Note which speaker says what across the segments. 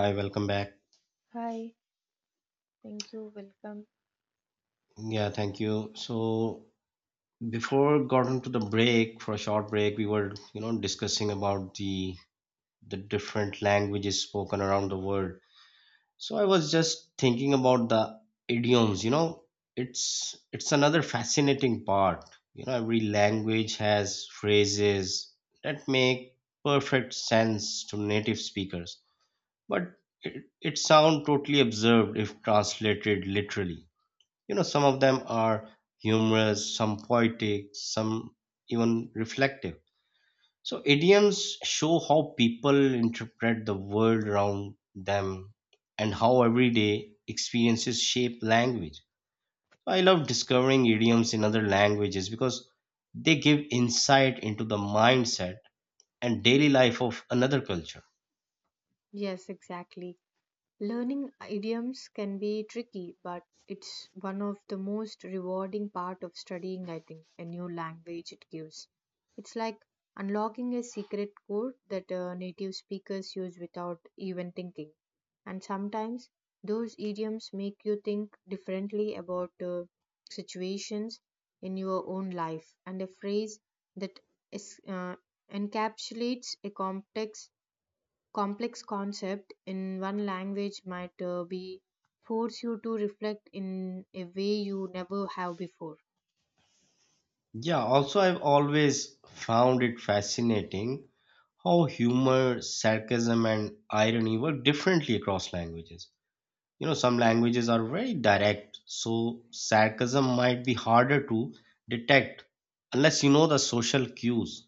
Speaker 1: Hi, welcome back.
Speaker 2: Hi, thank you. Welcome.
Speaker 1: Yeah, thank you. So before got into the break for a short break, we were, discussing about the different languages spoken around the world. So I was just thinking about the idioms, it's another fascinating part. You know, every language has phrases that make perfect sense to native speakers, but it sound totally absurd if translated literally. Some of them are humorous, some poetic, some even reflective. So idioms show how people interpret the world around them and how everyday experiences shape language. I love discovering idioms in other languages because they give insight into the mindset and daily life of another culture.
Speaker 2: Yes, exactly. Learning idioms can be tricky, but it's one of the most rewarding part of studying, I think, a new language it gives. It's like unlocking a secret code that native speakers use without even thinking. And sometimes those idioms make you think differently about situations in your own life. And a phrase that is, uh, encapsulates a complex concept in one language might be force you to reflect in a way you never have before.
Speaker 1: Yeah, also, I've always found it fascinating how humor, sarcasm, and irony work differently across languages. You know, some languages are very direct, so sarcasm might be harder to detect unless you know the social cues.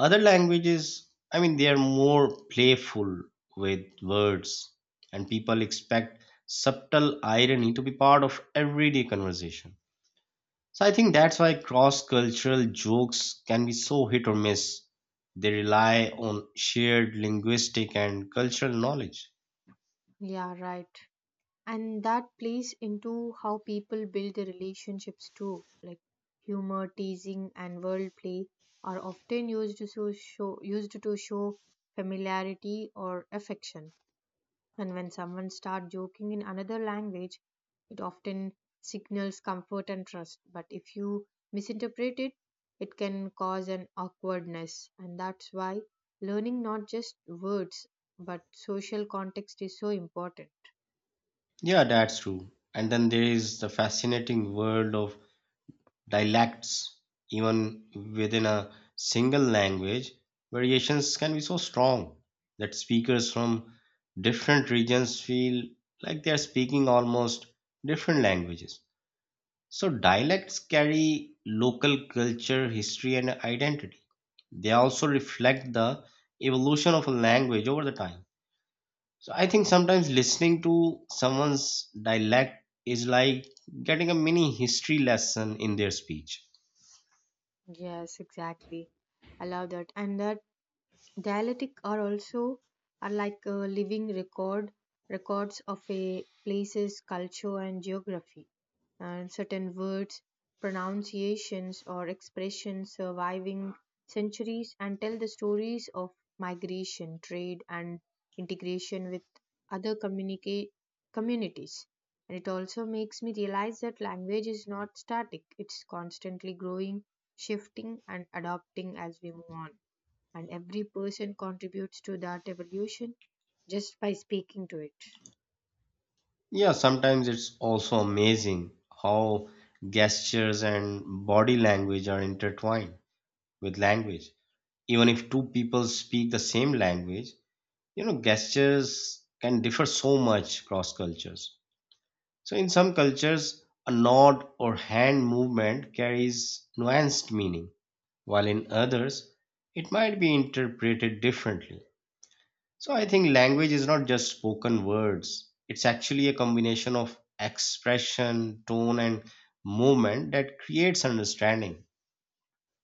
Speaker 1: Other languages, I mean, they are more playful with words, and people expect subtle irony to be part of everyday conversation. So I think that's why cross-cultural jokes can be so hit or miss. They rely on shared linguistic and cultural knowledge.
Speaker 2: Yeah, right, and that plays into how people build their relationships too, like humor, teasing, and world play are often used to show familiarity or affection. And when someone starts joking in another language, it often signals comfort and trust. But if you misinterpret it, it can cause an awkwardness. And that's why learning not just words but social context is so important.
Speaker 1: Yeah, that's true. And then there is the fascinating world of dialects. Even within a single language, variations can be so strong that speakers from different regions feel like they are speaking almost different languages. So dialects carry local culture, history, and identity. They also reflect the evolution of a language over the time. So I think sometimes listening to someone's dialect is like getting a mini history lesson in their speech.
Speaker 2: Yes, exactly. I love that. And that dialectic are also are like a living records of a place's culture and geography, and certain words, pronunciations, or expressions surviving centuries and tell the stories of migration, trade, and integration with other communicate communities. And it also makes me realize that language is not static, it's constantly growing, shifting, and adapting as we move on, and every person contributes to that evolution just by speaking to it.
Speaker 1: Yeah, sometimes it's also amazing how gestures and body language are intertwined with language. Even if two people speak the same language, you know gestures can differ so much across cultures. So in some cultures a nod or hand movement carries nuanced meaning, while in others it might be interpreted differently. So I think language is not just spoken words, it's actually a combination of expression, tone, and movement that creates understanding.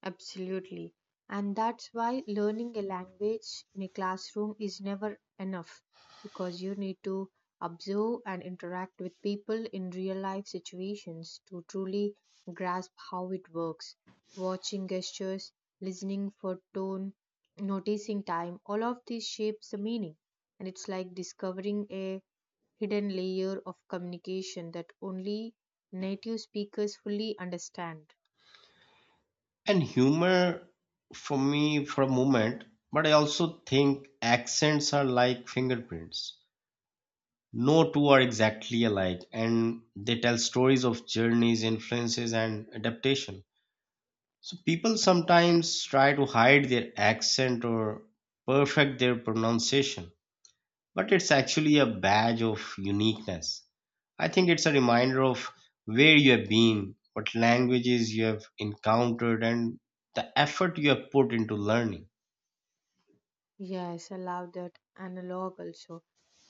Speaker 2: Absolutely. And that's why learning a language in a classroom is never enough because you need to observe and interact with people in real life situations to truly grasp how it works. Watching gestures, listening for tone, noticing time, all of this shapes the meaning. And it's like discovering a hidden layer of communication that only native speakers fully understand.
Speaker 1: And humor for me for a moment, but I also think accents are like fingerprints. No two are exactly alike, and they tell stories of journeys, influences, and adaptation. So people sometimes try to hide their accent or perfect their pronunciation, but it's actually a badge of uniqueness. I think it's a reminder of where you have been, what languages you have encountered, and the effort you have put into learning.
Speaker 2: Yes, I love that analog also.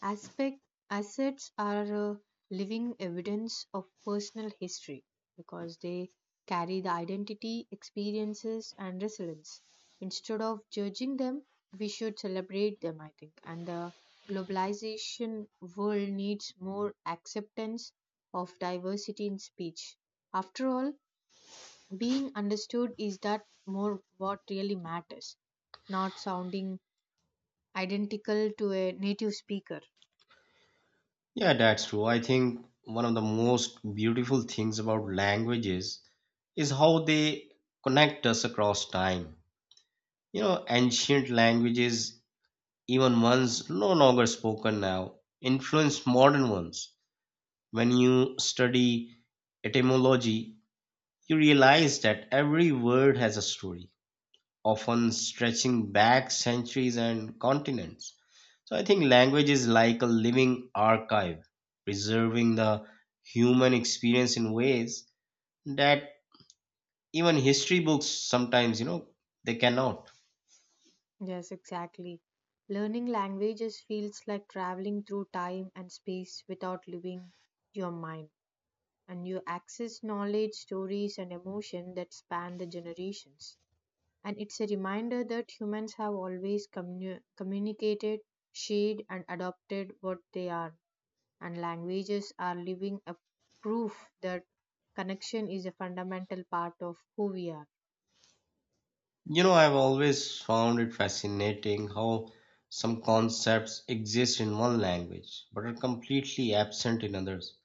Speaker 2: Aspect assets are living evidence of personal history because they carry the identity, experiences, and resilience. Instead of judging them, we should celebrate them, I think. And the globalization world needs more acceptance of diversity in speech. After all, being understood is that more what really matters, not sounding identical to a native speaker.
Speaker 1: Yeah, that's true. I think one of the most beautiful things about languages is how they connect us across time. You know, ancient languages, even ones no longer spoken now, influence modern ones. When you study etymology, you realize that every word has a story, often stretching back centuries and continents. So I think language is like a living archive, preserving the human experience in ways that even history books sometimes, they cannot.
Speaker 2: Yes, exactly. Learning languages feels like traveling through time and space without leaving your mind, and you access knowledge, stories, and emotion that span the generations. And it's a reminder that humans have always communicated, shared, and adopted what they are, and languages are living a proof that connection is a fundamental part of who we are.
Speaker 1: You know, I've always found it fascinating how some concepts exist in one language but are completely absent in others,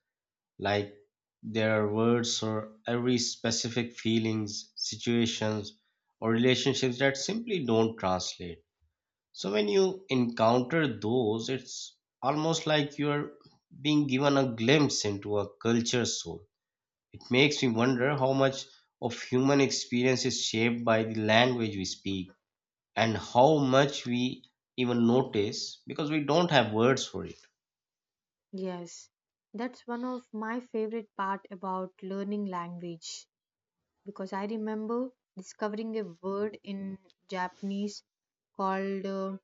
Speaker 1: like there are words or every specific feelings, situations, or relationships that simply don't translate. So when you encounter those, it's almost like you're being given a glimpse into a culture's soul. It makes me wonder how much of human experience is shaped by the language we speak and how much we even notice because we don't have words for it.
Speaker 2: Yes, that's one of my favorite part about learning language because I remember discovering a word in Japanese called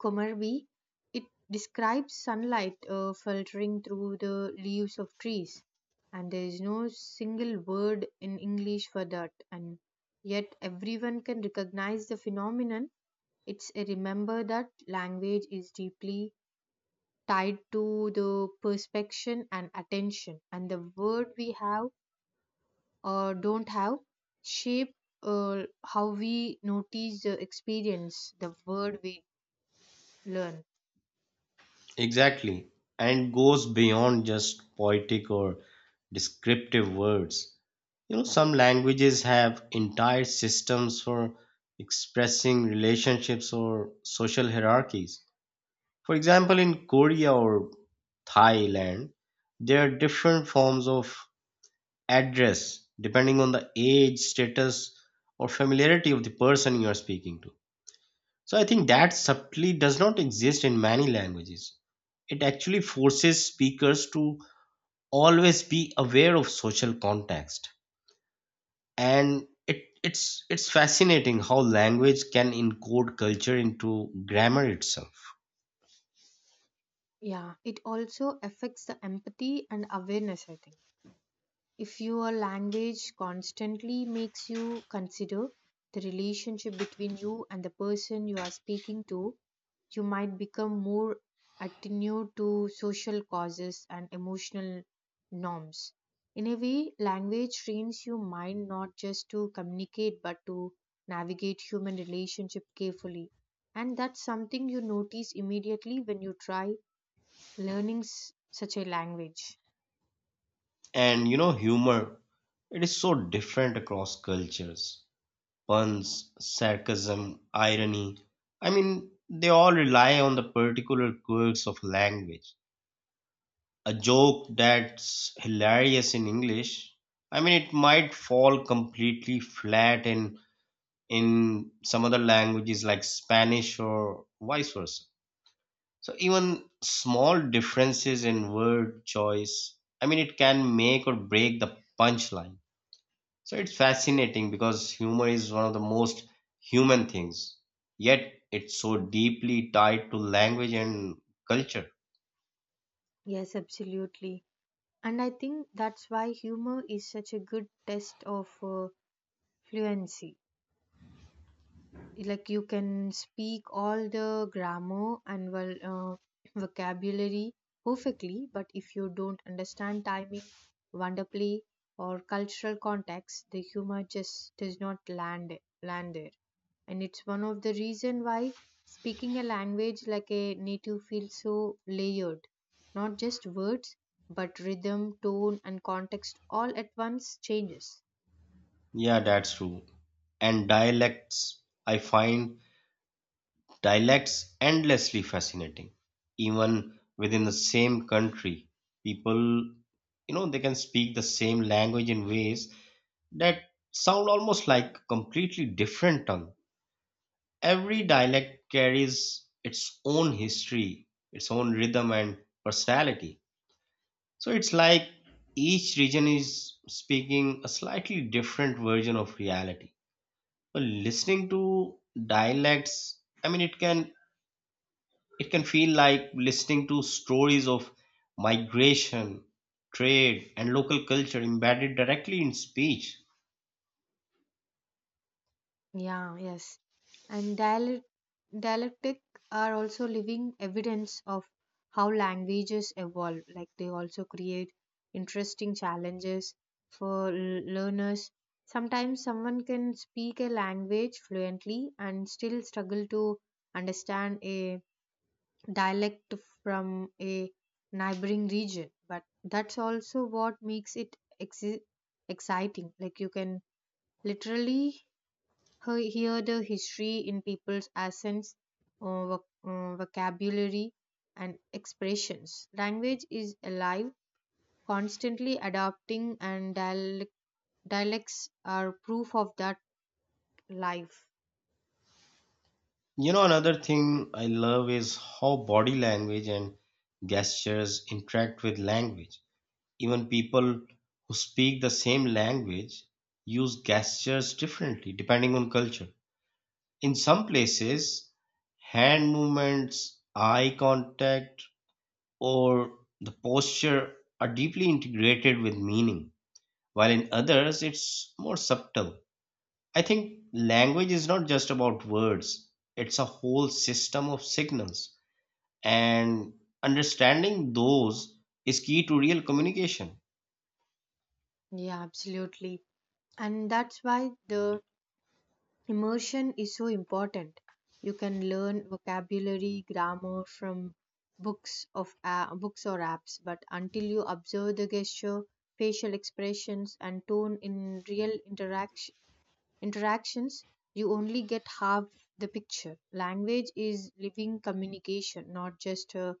Speaker 2: Komarvi. It describes sunlight filtering through the leaves of trees, and there is no single word in English for that. And yet, everyone can recognize the phenomenon. It's a remember that language is deeply tied to the perception and attention, and the word we have or don't have shape how we notice the experience, the word we learn.
Speaker 1: Exactly, and goes beyond just poetic or descriptive words. You know, some languages have entire systems for expressing relationships or social hierarchies. For example, in Korea or Thailand, there are different forms of address depending on the age, status, or familiarity of the person you are speaking to. So I think that subtly does not exist in many languages. It actually forces speakers to always be aware of social context. And it's fascinating how language can encode culture into grammar itself.
Speaker 2: Yeah, it also affects the empathy and awareness, I think. If your language constantly makes you consider the relationship between you and the person you are speaking to, you might become more attuned to social causes and emotional norms. In a way, language trains your mind not just to communicate but to navigate human relationship carefully. And that's something you notice immediately when you try learning such a language.
Speaker 1: And you know, humor, it is so different across cultures. Puns, sarcasm, irony. I mean, they all rely on the particular quirks of language. A joke that's hilarious in English, I mean, it might fall completely flat in some other languages like Spanish or vice versa. So even small differences in word choice, I mean, it can make or break the punchline. So it's fascinating because humor is one of the most human things, yet it's so deeply tied to language and culture.
Speaker 2: Yes, absolutely. And I think that's why humor is such a good test of fluency. Like you can speak all the grammar and vocabulary perfectly, but if you don't understand timing, wonder play, or cultural context, the humor just does not land there. And it's one of the reason why speaking a language like a native feels so layered, not just words but rhythm, tone, and context all at once changes.
Speaker 1: Yeah, that's true. And dialects, I find dialects endlessly fascinating. Even within the same country, people, you know, they can speak the same language in ways that sound almost like a completely different tongue. Every dialect carries its own history, its own rhythm and personality. So it's like each region is speaking a slightly different version of reality. Well, listening to dialects, I mean, it can feel like listening to stories of migration, trade, and local culture embedded directly in speech.
Speaker 2: Yeah, yes. And dialectic are also living evidence of how languages evolve. Like they also create interesting challenges for learners. Sometimes someone can speak a language fluently and still struggle to understand a dialect from a neighboring region. But that's also what makes it exi- exciting. Like you can literally hear the history in people's accents, vocabulary, and expressions. Language is alive, constantly adapting, and dialects are proof of that life.
Speaker 1: You know, another thing I love is how body language and gestures interact with language. Even people who speak the same language use gestures differently depending on culture. In some places, hand movements, eye contact, or the posture are deeply integrated with meaning, while in others it's more subtle. I think language is not just about words, it's a whole system of signals, and understanding those is key to real communication.
Speaker 2: Yeah, absolutely. And that's why the immersion is so important. You can learn vocabulary, grammar from books or apps, but until you observe the gesture, facial expressions, and tone in real interactions, you only get half the picture. Language is living communication, not just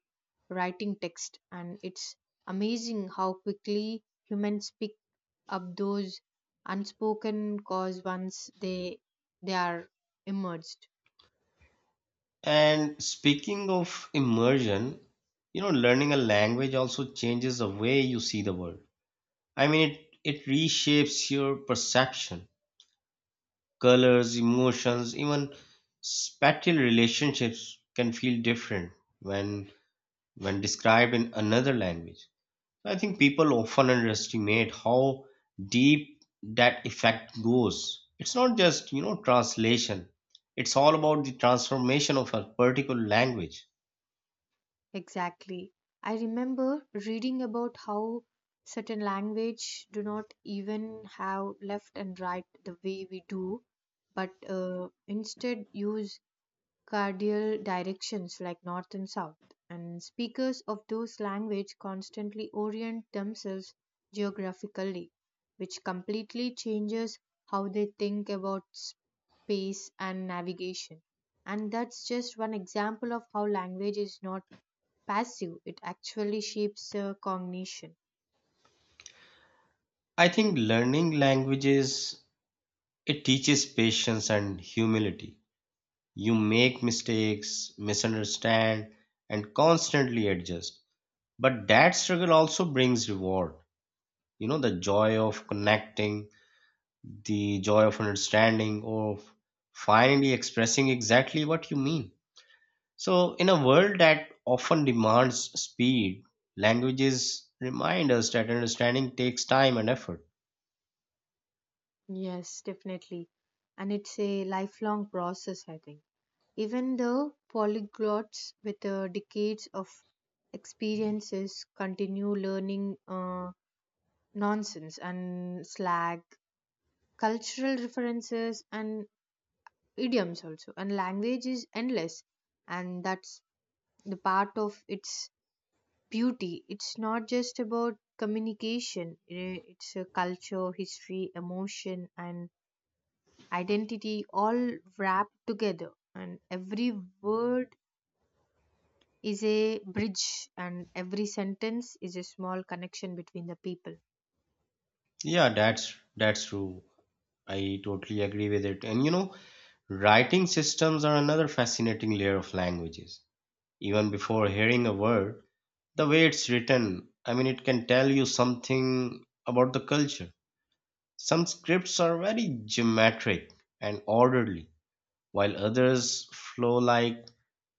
Speaker 2: writing text. And it's amazing how quickly humans pick up those unspoken cause once they are emerged.
Speaker 1: And speaking of immersion, you know, learning a language also changes the way you see the world. I mean, it reshapes your perception, colors, emotions, even spatial relationships can feel different when when described in another language. So I think people often underestimate how deep that effect goes. It's not just, you know, translation. It's all about the transformation of a particular language.
Speaker 2: Exactly. I remember reading about how certain language do not even have left and right the way we do, but instead use cardial directions like north and south, and speakers of those languages constantly orient themselves geographically, which completely changes how they think about space and navigation. And that's just one example of how language is not passive, it actually shapes cognition.
Speaker 1: I think learning languages it teaches patience and humility. You make mistakes, misunderstand, and constantly adjust. But that struggle also brings reward. You know, the joy of connecting, the joy of understanding, of finally expressing exactly what you mean. So, in a world that often demands speed, languages remind us that understanding takes time and effort.
Speaker 2: Yes, definitely. And it's a lifelong process, I think. Even the polyglots with decades of experiences continue learning nonsense and slang, cultural references, and idioms also. And language is endless, and that's the part of its beauty. It's not just about communication, it's a culture, history, emotion, and identity all wrapped together. And every word is a bridge and every sentence is a small connection between the people.
Speaker 1: Yeah, that's true. I totally agree with it. And you know, writing systems are another fascinating layer of languages. Even before hearing a word, the way it's written, I mean it can tell you something about the culture. Some scripts are very geometric and orderly, while others flow like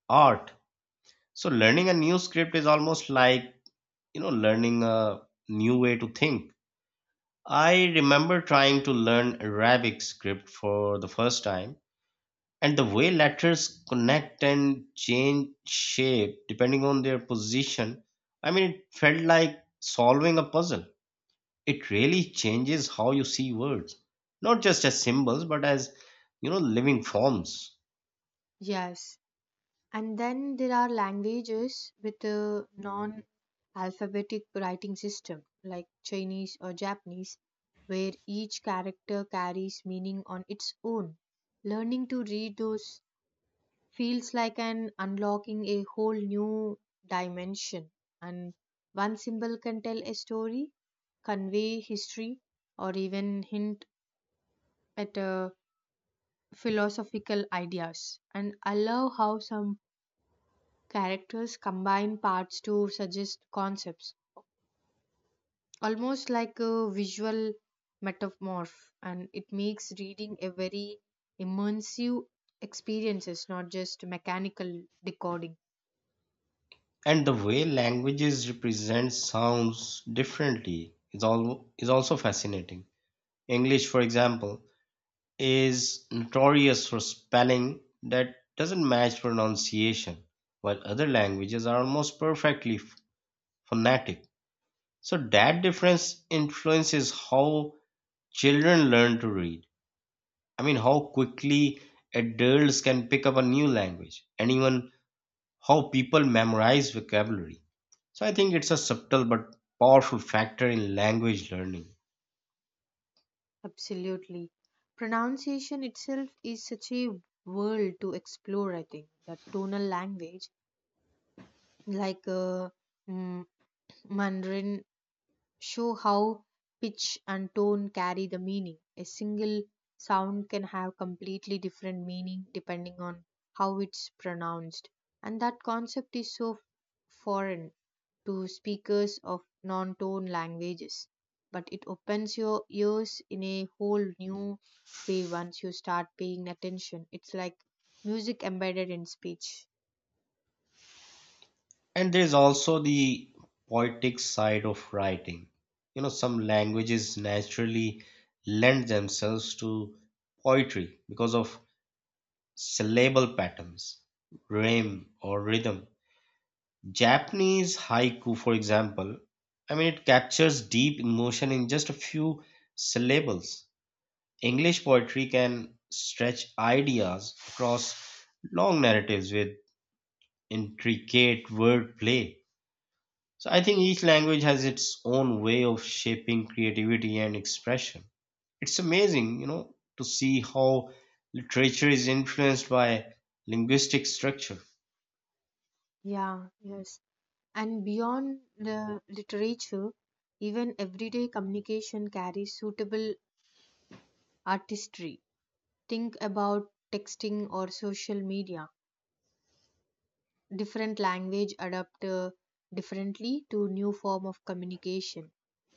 Speaker 1: art. So learning a new script is almost like, you know, learning a new way to think. I remember trying to learn Arabic script for the first time, and the way letters connect and change shape depending on their position, I mean it felt like solving a puzzle. It really changes how you see words, not just as symbols but as, you know, living forms.
Speaker 2: Yes, and then there are languages with a non alphabetic writing system like Chinese or Japanese, where each character carries meaning on its own. Learning to read those feels like an unlocking a whole new dimension, and one symbol can tell a story, convey history, or even hint at philosophical ideas. And I love how some characters combine parts to suggest concepts, almost like a visual metamorph. And it makes reading a very immersive experiences, not just mechanical decoding.
Speaker 1: And the way languages represent sounds differently is also fascinating. English for example is notorious for spelling that doesn't match pronunciation, while other languages are almost perfectly phonetic. So that difference influences how children learn to read, I mean, how quickly adults can pick up a new language and even how people memorize vocabulary. So I think it's a subtle but powerful factor in language learning.
Speaker 2: Absolutely. Pronunciation itself is such a world to explore, I think. The tonal language, like mm, Mandarin show how pitch and tone carry the meaning. A single sound can have completely different meaning depending on how it's pronounced. And that concept is so foreign to speakers of non tone languages. But it opens your ears in a whole new way once you start paying attention. It's like music embedded in speech.
Speaker 1: And there's also the poetic side of writing. You know, some languages naturally lend themselves to poetry because of syllable patterns, rhyme, or rhythm. Japanese haiku, for example, I mean, it captures deep emotion in just a few syllables. English poetry can stretch ideas across long narratives with intricate word play. So I think each language has its own way of shaping creativity and expression. It's amazing, you know, to see how literature is influenced by linguistic structure.
Speaker 2: Yeah, yes. And beyond the literature, even everyday communication carries suitable artistry. Think about texting or social media. Different language adapt differently to new form of communication.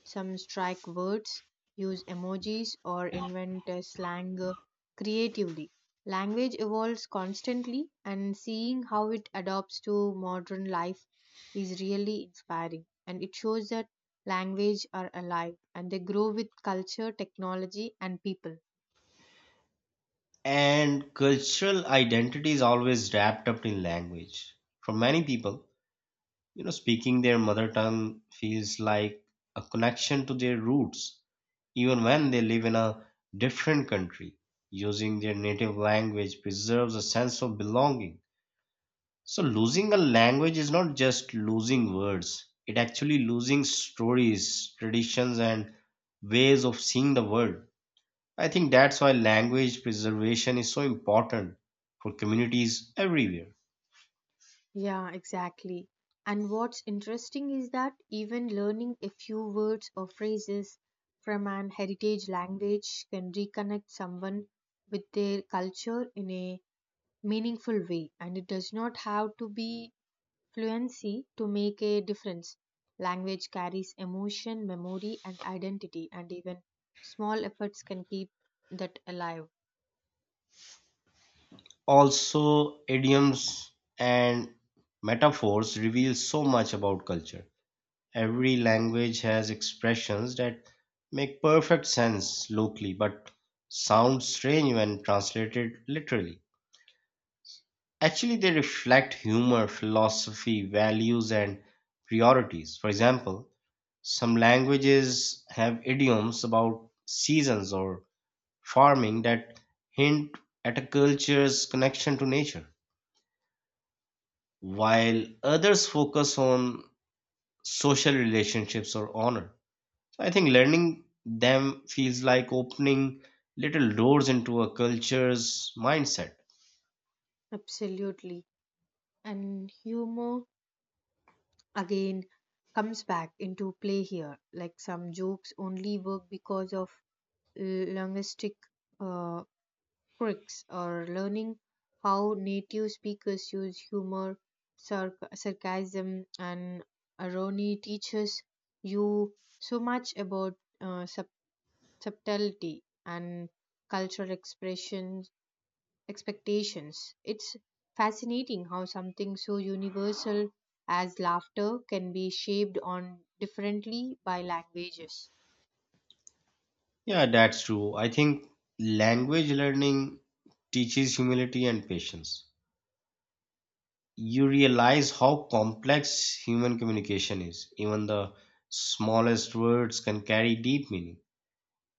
Speaker 2: Some strike words use emojis or invent slang creatively. Language evolves constantly, and seeing how it adopts to modern life is really inspiring, and it shows that language are alive and they grow with culture, technology, and people.
Speaker 1: And cultural identity is always wrapped up in language. For many people, you know, speaking their mother tongue feels like a connection to their roots. Even when they live in a different country, using their native language preserves a sense of belonging. So losing a language is not just losing words, it actually losing stories, traditions, and ways of seeing the world. I think that's why language preservation is so important for communities everywhere.
Speaker 2: Yeah, exactly. And what's interesting is that even learning a few words or phrases from an heritage language can reconnect someone with their culture in a meaningful way. And it does not have to be fluency to make a difference. Language carries emotion, memory, and identity, and even small efforts can keep that alive.
Speaker 1: Also, idioms and metaphors reveal so much about culture. Every language has expressions that make perfect sense locally but sound strange when translated literally. Actually, they reflect humor, philosophy, values, and priorities. For example, some languages have idioms about seasons or farming that hint at a culture's connection to nature, while others focus on social relationships or honor. So I think learning them feels like opening little doors into a culture's mindset.
Speaker 2: Absolutely. And humor again comes back into play here. Like some jokes only work because of linguistic uh, quirks, or learning how native speakers use humor, sarcasm, and irony teaches you so much about uh, sub- subtlety and cultural expression expectations. It's fascinating how something so universal as laughter can be shaped on differently by languages.
Speaker 1: Yeah, that's true. I think language learning teaches humility and patience. You realize how complex human communication is. Even the smallest words can carry deep meaning,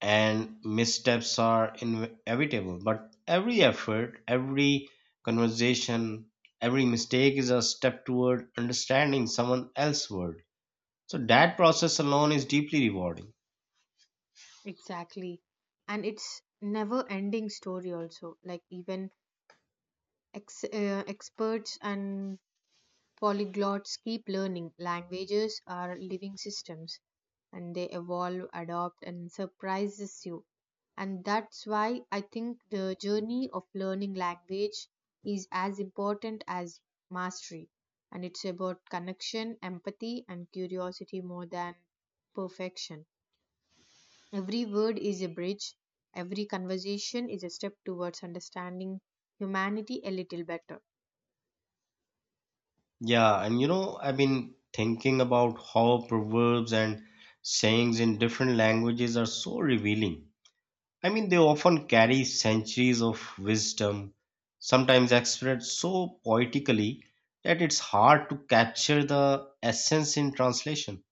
Speaker 1: and missteps are inevitable, but every effort, every conversation, every mistake is a step toward understanding someone else's world. So that process alone is deeply rewarding.
Speaker 2: Exactly. And it's never ending story also, like even experts and polyglots keep learning. Languages are living systems and they evolve, adopt, and surprises you. And that's why I think the journey of learning language is as important as mastery. And it's about connection, empathy, and curiosity more than perfection. Every word is a bridge, every conversation is a step towards understanding humanity a little better.
Speaker 1: Yeah, and you know, I've been thinking about how proverbs and sayings in different languages are so revealing. I mean, they often carry centuries of wisdom, sometimes expressed so poetically that it's hard to capture the essence in translation.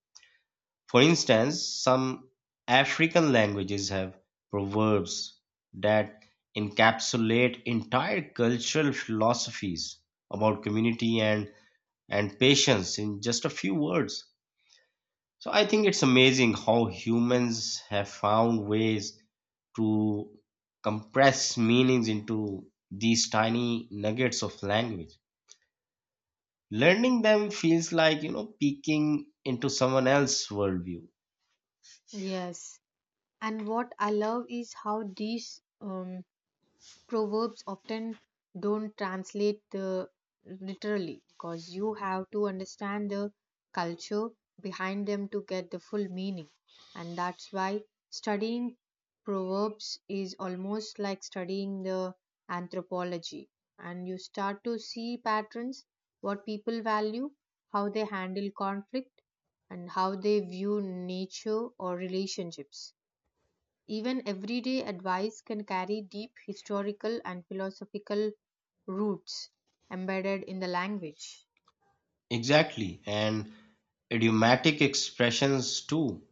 Speaker 1: For instance, some African languages have proverbs that encapsulate entire cultural philosophies about community and patience in just a few words. So I think it's amazing how humans have found ways to compress meanings into these tiny nuggets of language. Learning them feels like, you know, peeking into someone else's worldview.
Speaker 2: Yes. And what I love is how these proverbs often don't translate the literally because you have to understand the culture behind them to get the full meaning. And that's why studying proverbs is almost like studying the anthropology. And you start to see patterns, what people value, how they handle conflict, and how they view nature or relationships. Even everyday advice can carry deep historical and philosophical roots embedded in the language.
Speaker 1: Exactly. And idiomatic expressions too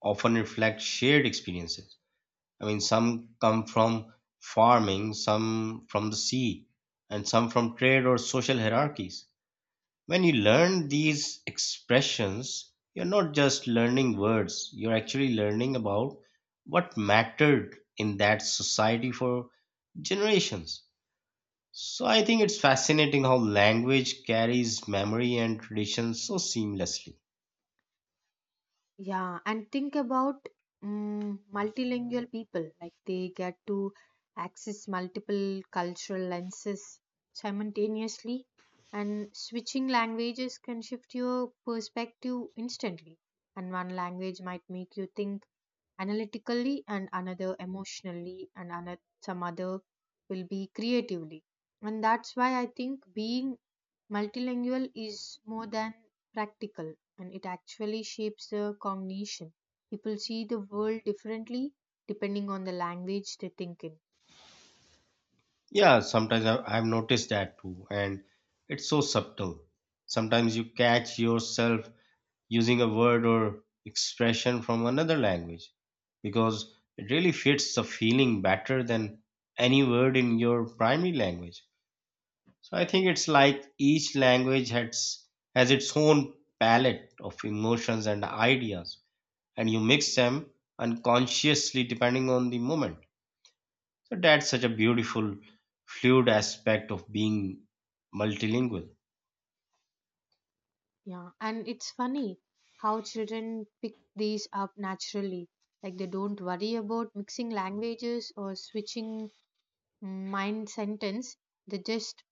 Speaker 1: often reflect shared experiences. I mean, some come from farming, some from the sea, and some from trade or social hierarchies. When you learn these expressions, you're not just learning words, you're actually learning about what mattered in that society for generations. So I think it's fascinating how language carries memory and tradition so seamlessly.
Speaker 2: Yeah, and think about multilingual people. Like they get to access multiple cultural lenses simultaneously, and switching languages can shift your perspective instantly. And one language might make you think analytically, and another emotionally, and another some other will be creatively. And that's why I think being multilingual is more than practical, and it actually shapes the cognition. People see the world differently depending on the language they think in.
Speaker 1: Yeah, sometimes I've noticed that too, and it's so subtle. Sometimes you catch yourself using a word or expression from another language because it really fits the feeling better than any word in your primary language. So I think it's like each language has its own palette of emotions and ideas, and you mix them unconsciously depending on the moment. So that's such a beautiful, fluid aspect of being multilingual.
Speaker 2: Yeah, and it's funny how children pick these up naturally. Like they don't worry about mixing languages or switching mind sentence. They just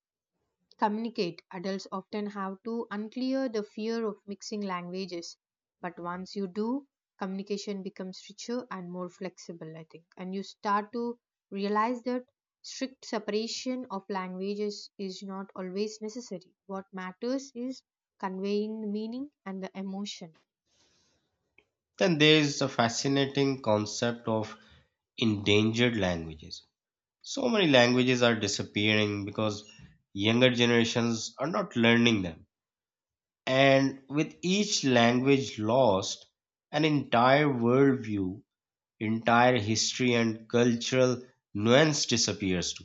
Speaker 2: communicate, adults often have to unclear the fear of mixing languages. But once you do, communication becomes richer and more flexible, I think. And you start to realize that strict separation of languages is not always necessary. What matters is conveying the meaning and the emotion.
Speaker 1: Then there is the fascinating concept of endangered languages. So many languages are disappearing because younger generations are not learning them. And with each language lost, an entire worldview, entire history, and cultural nuance disappears too.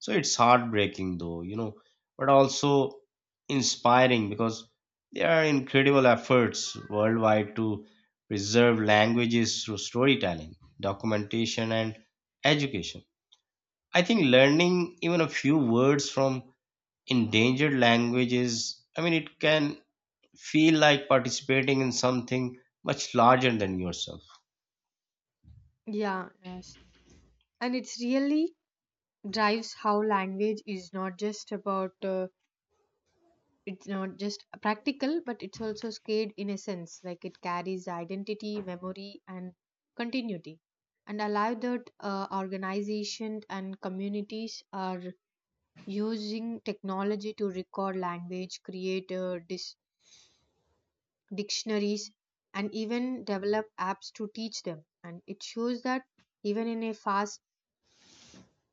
Speaker 1: So it's heartbreaking, though, you know, but also inspiring because there are incredible efforts worldwide to preserve languages through storytelling, documentation, and education. I think learning even a few words from endangered languages, I mean, it can feel like participating in something much larger than yourself.
Speaker 2: Yeah, yes. And it's really drives how language is not just about it's not just practical but it's also scared in a sense, like it carries identity, memory, and continuity, and allow that organization and communities are using technology to record language, create dictionaries, and even develop apps to teach them. And it shows that even in a fast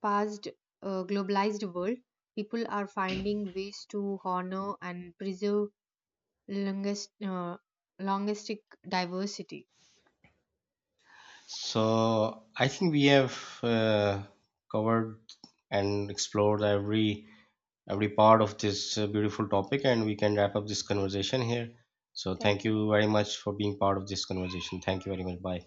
Speaker 2: paced globalized world, people are finding ways to honor and preserve longest, linguistic diversity.
Speaker 1: So I think we have uh, covered and explored every part of this beautiful topic, and we can wrap up this conversation here. So
Speaker 2: Thank
Speaker 1: thank
Speaker 2: you.
Speaker 1: you very much for being part of this conversation. Thank you very much. Bye.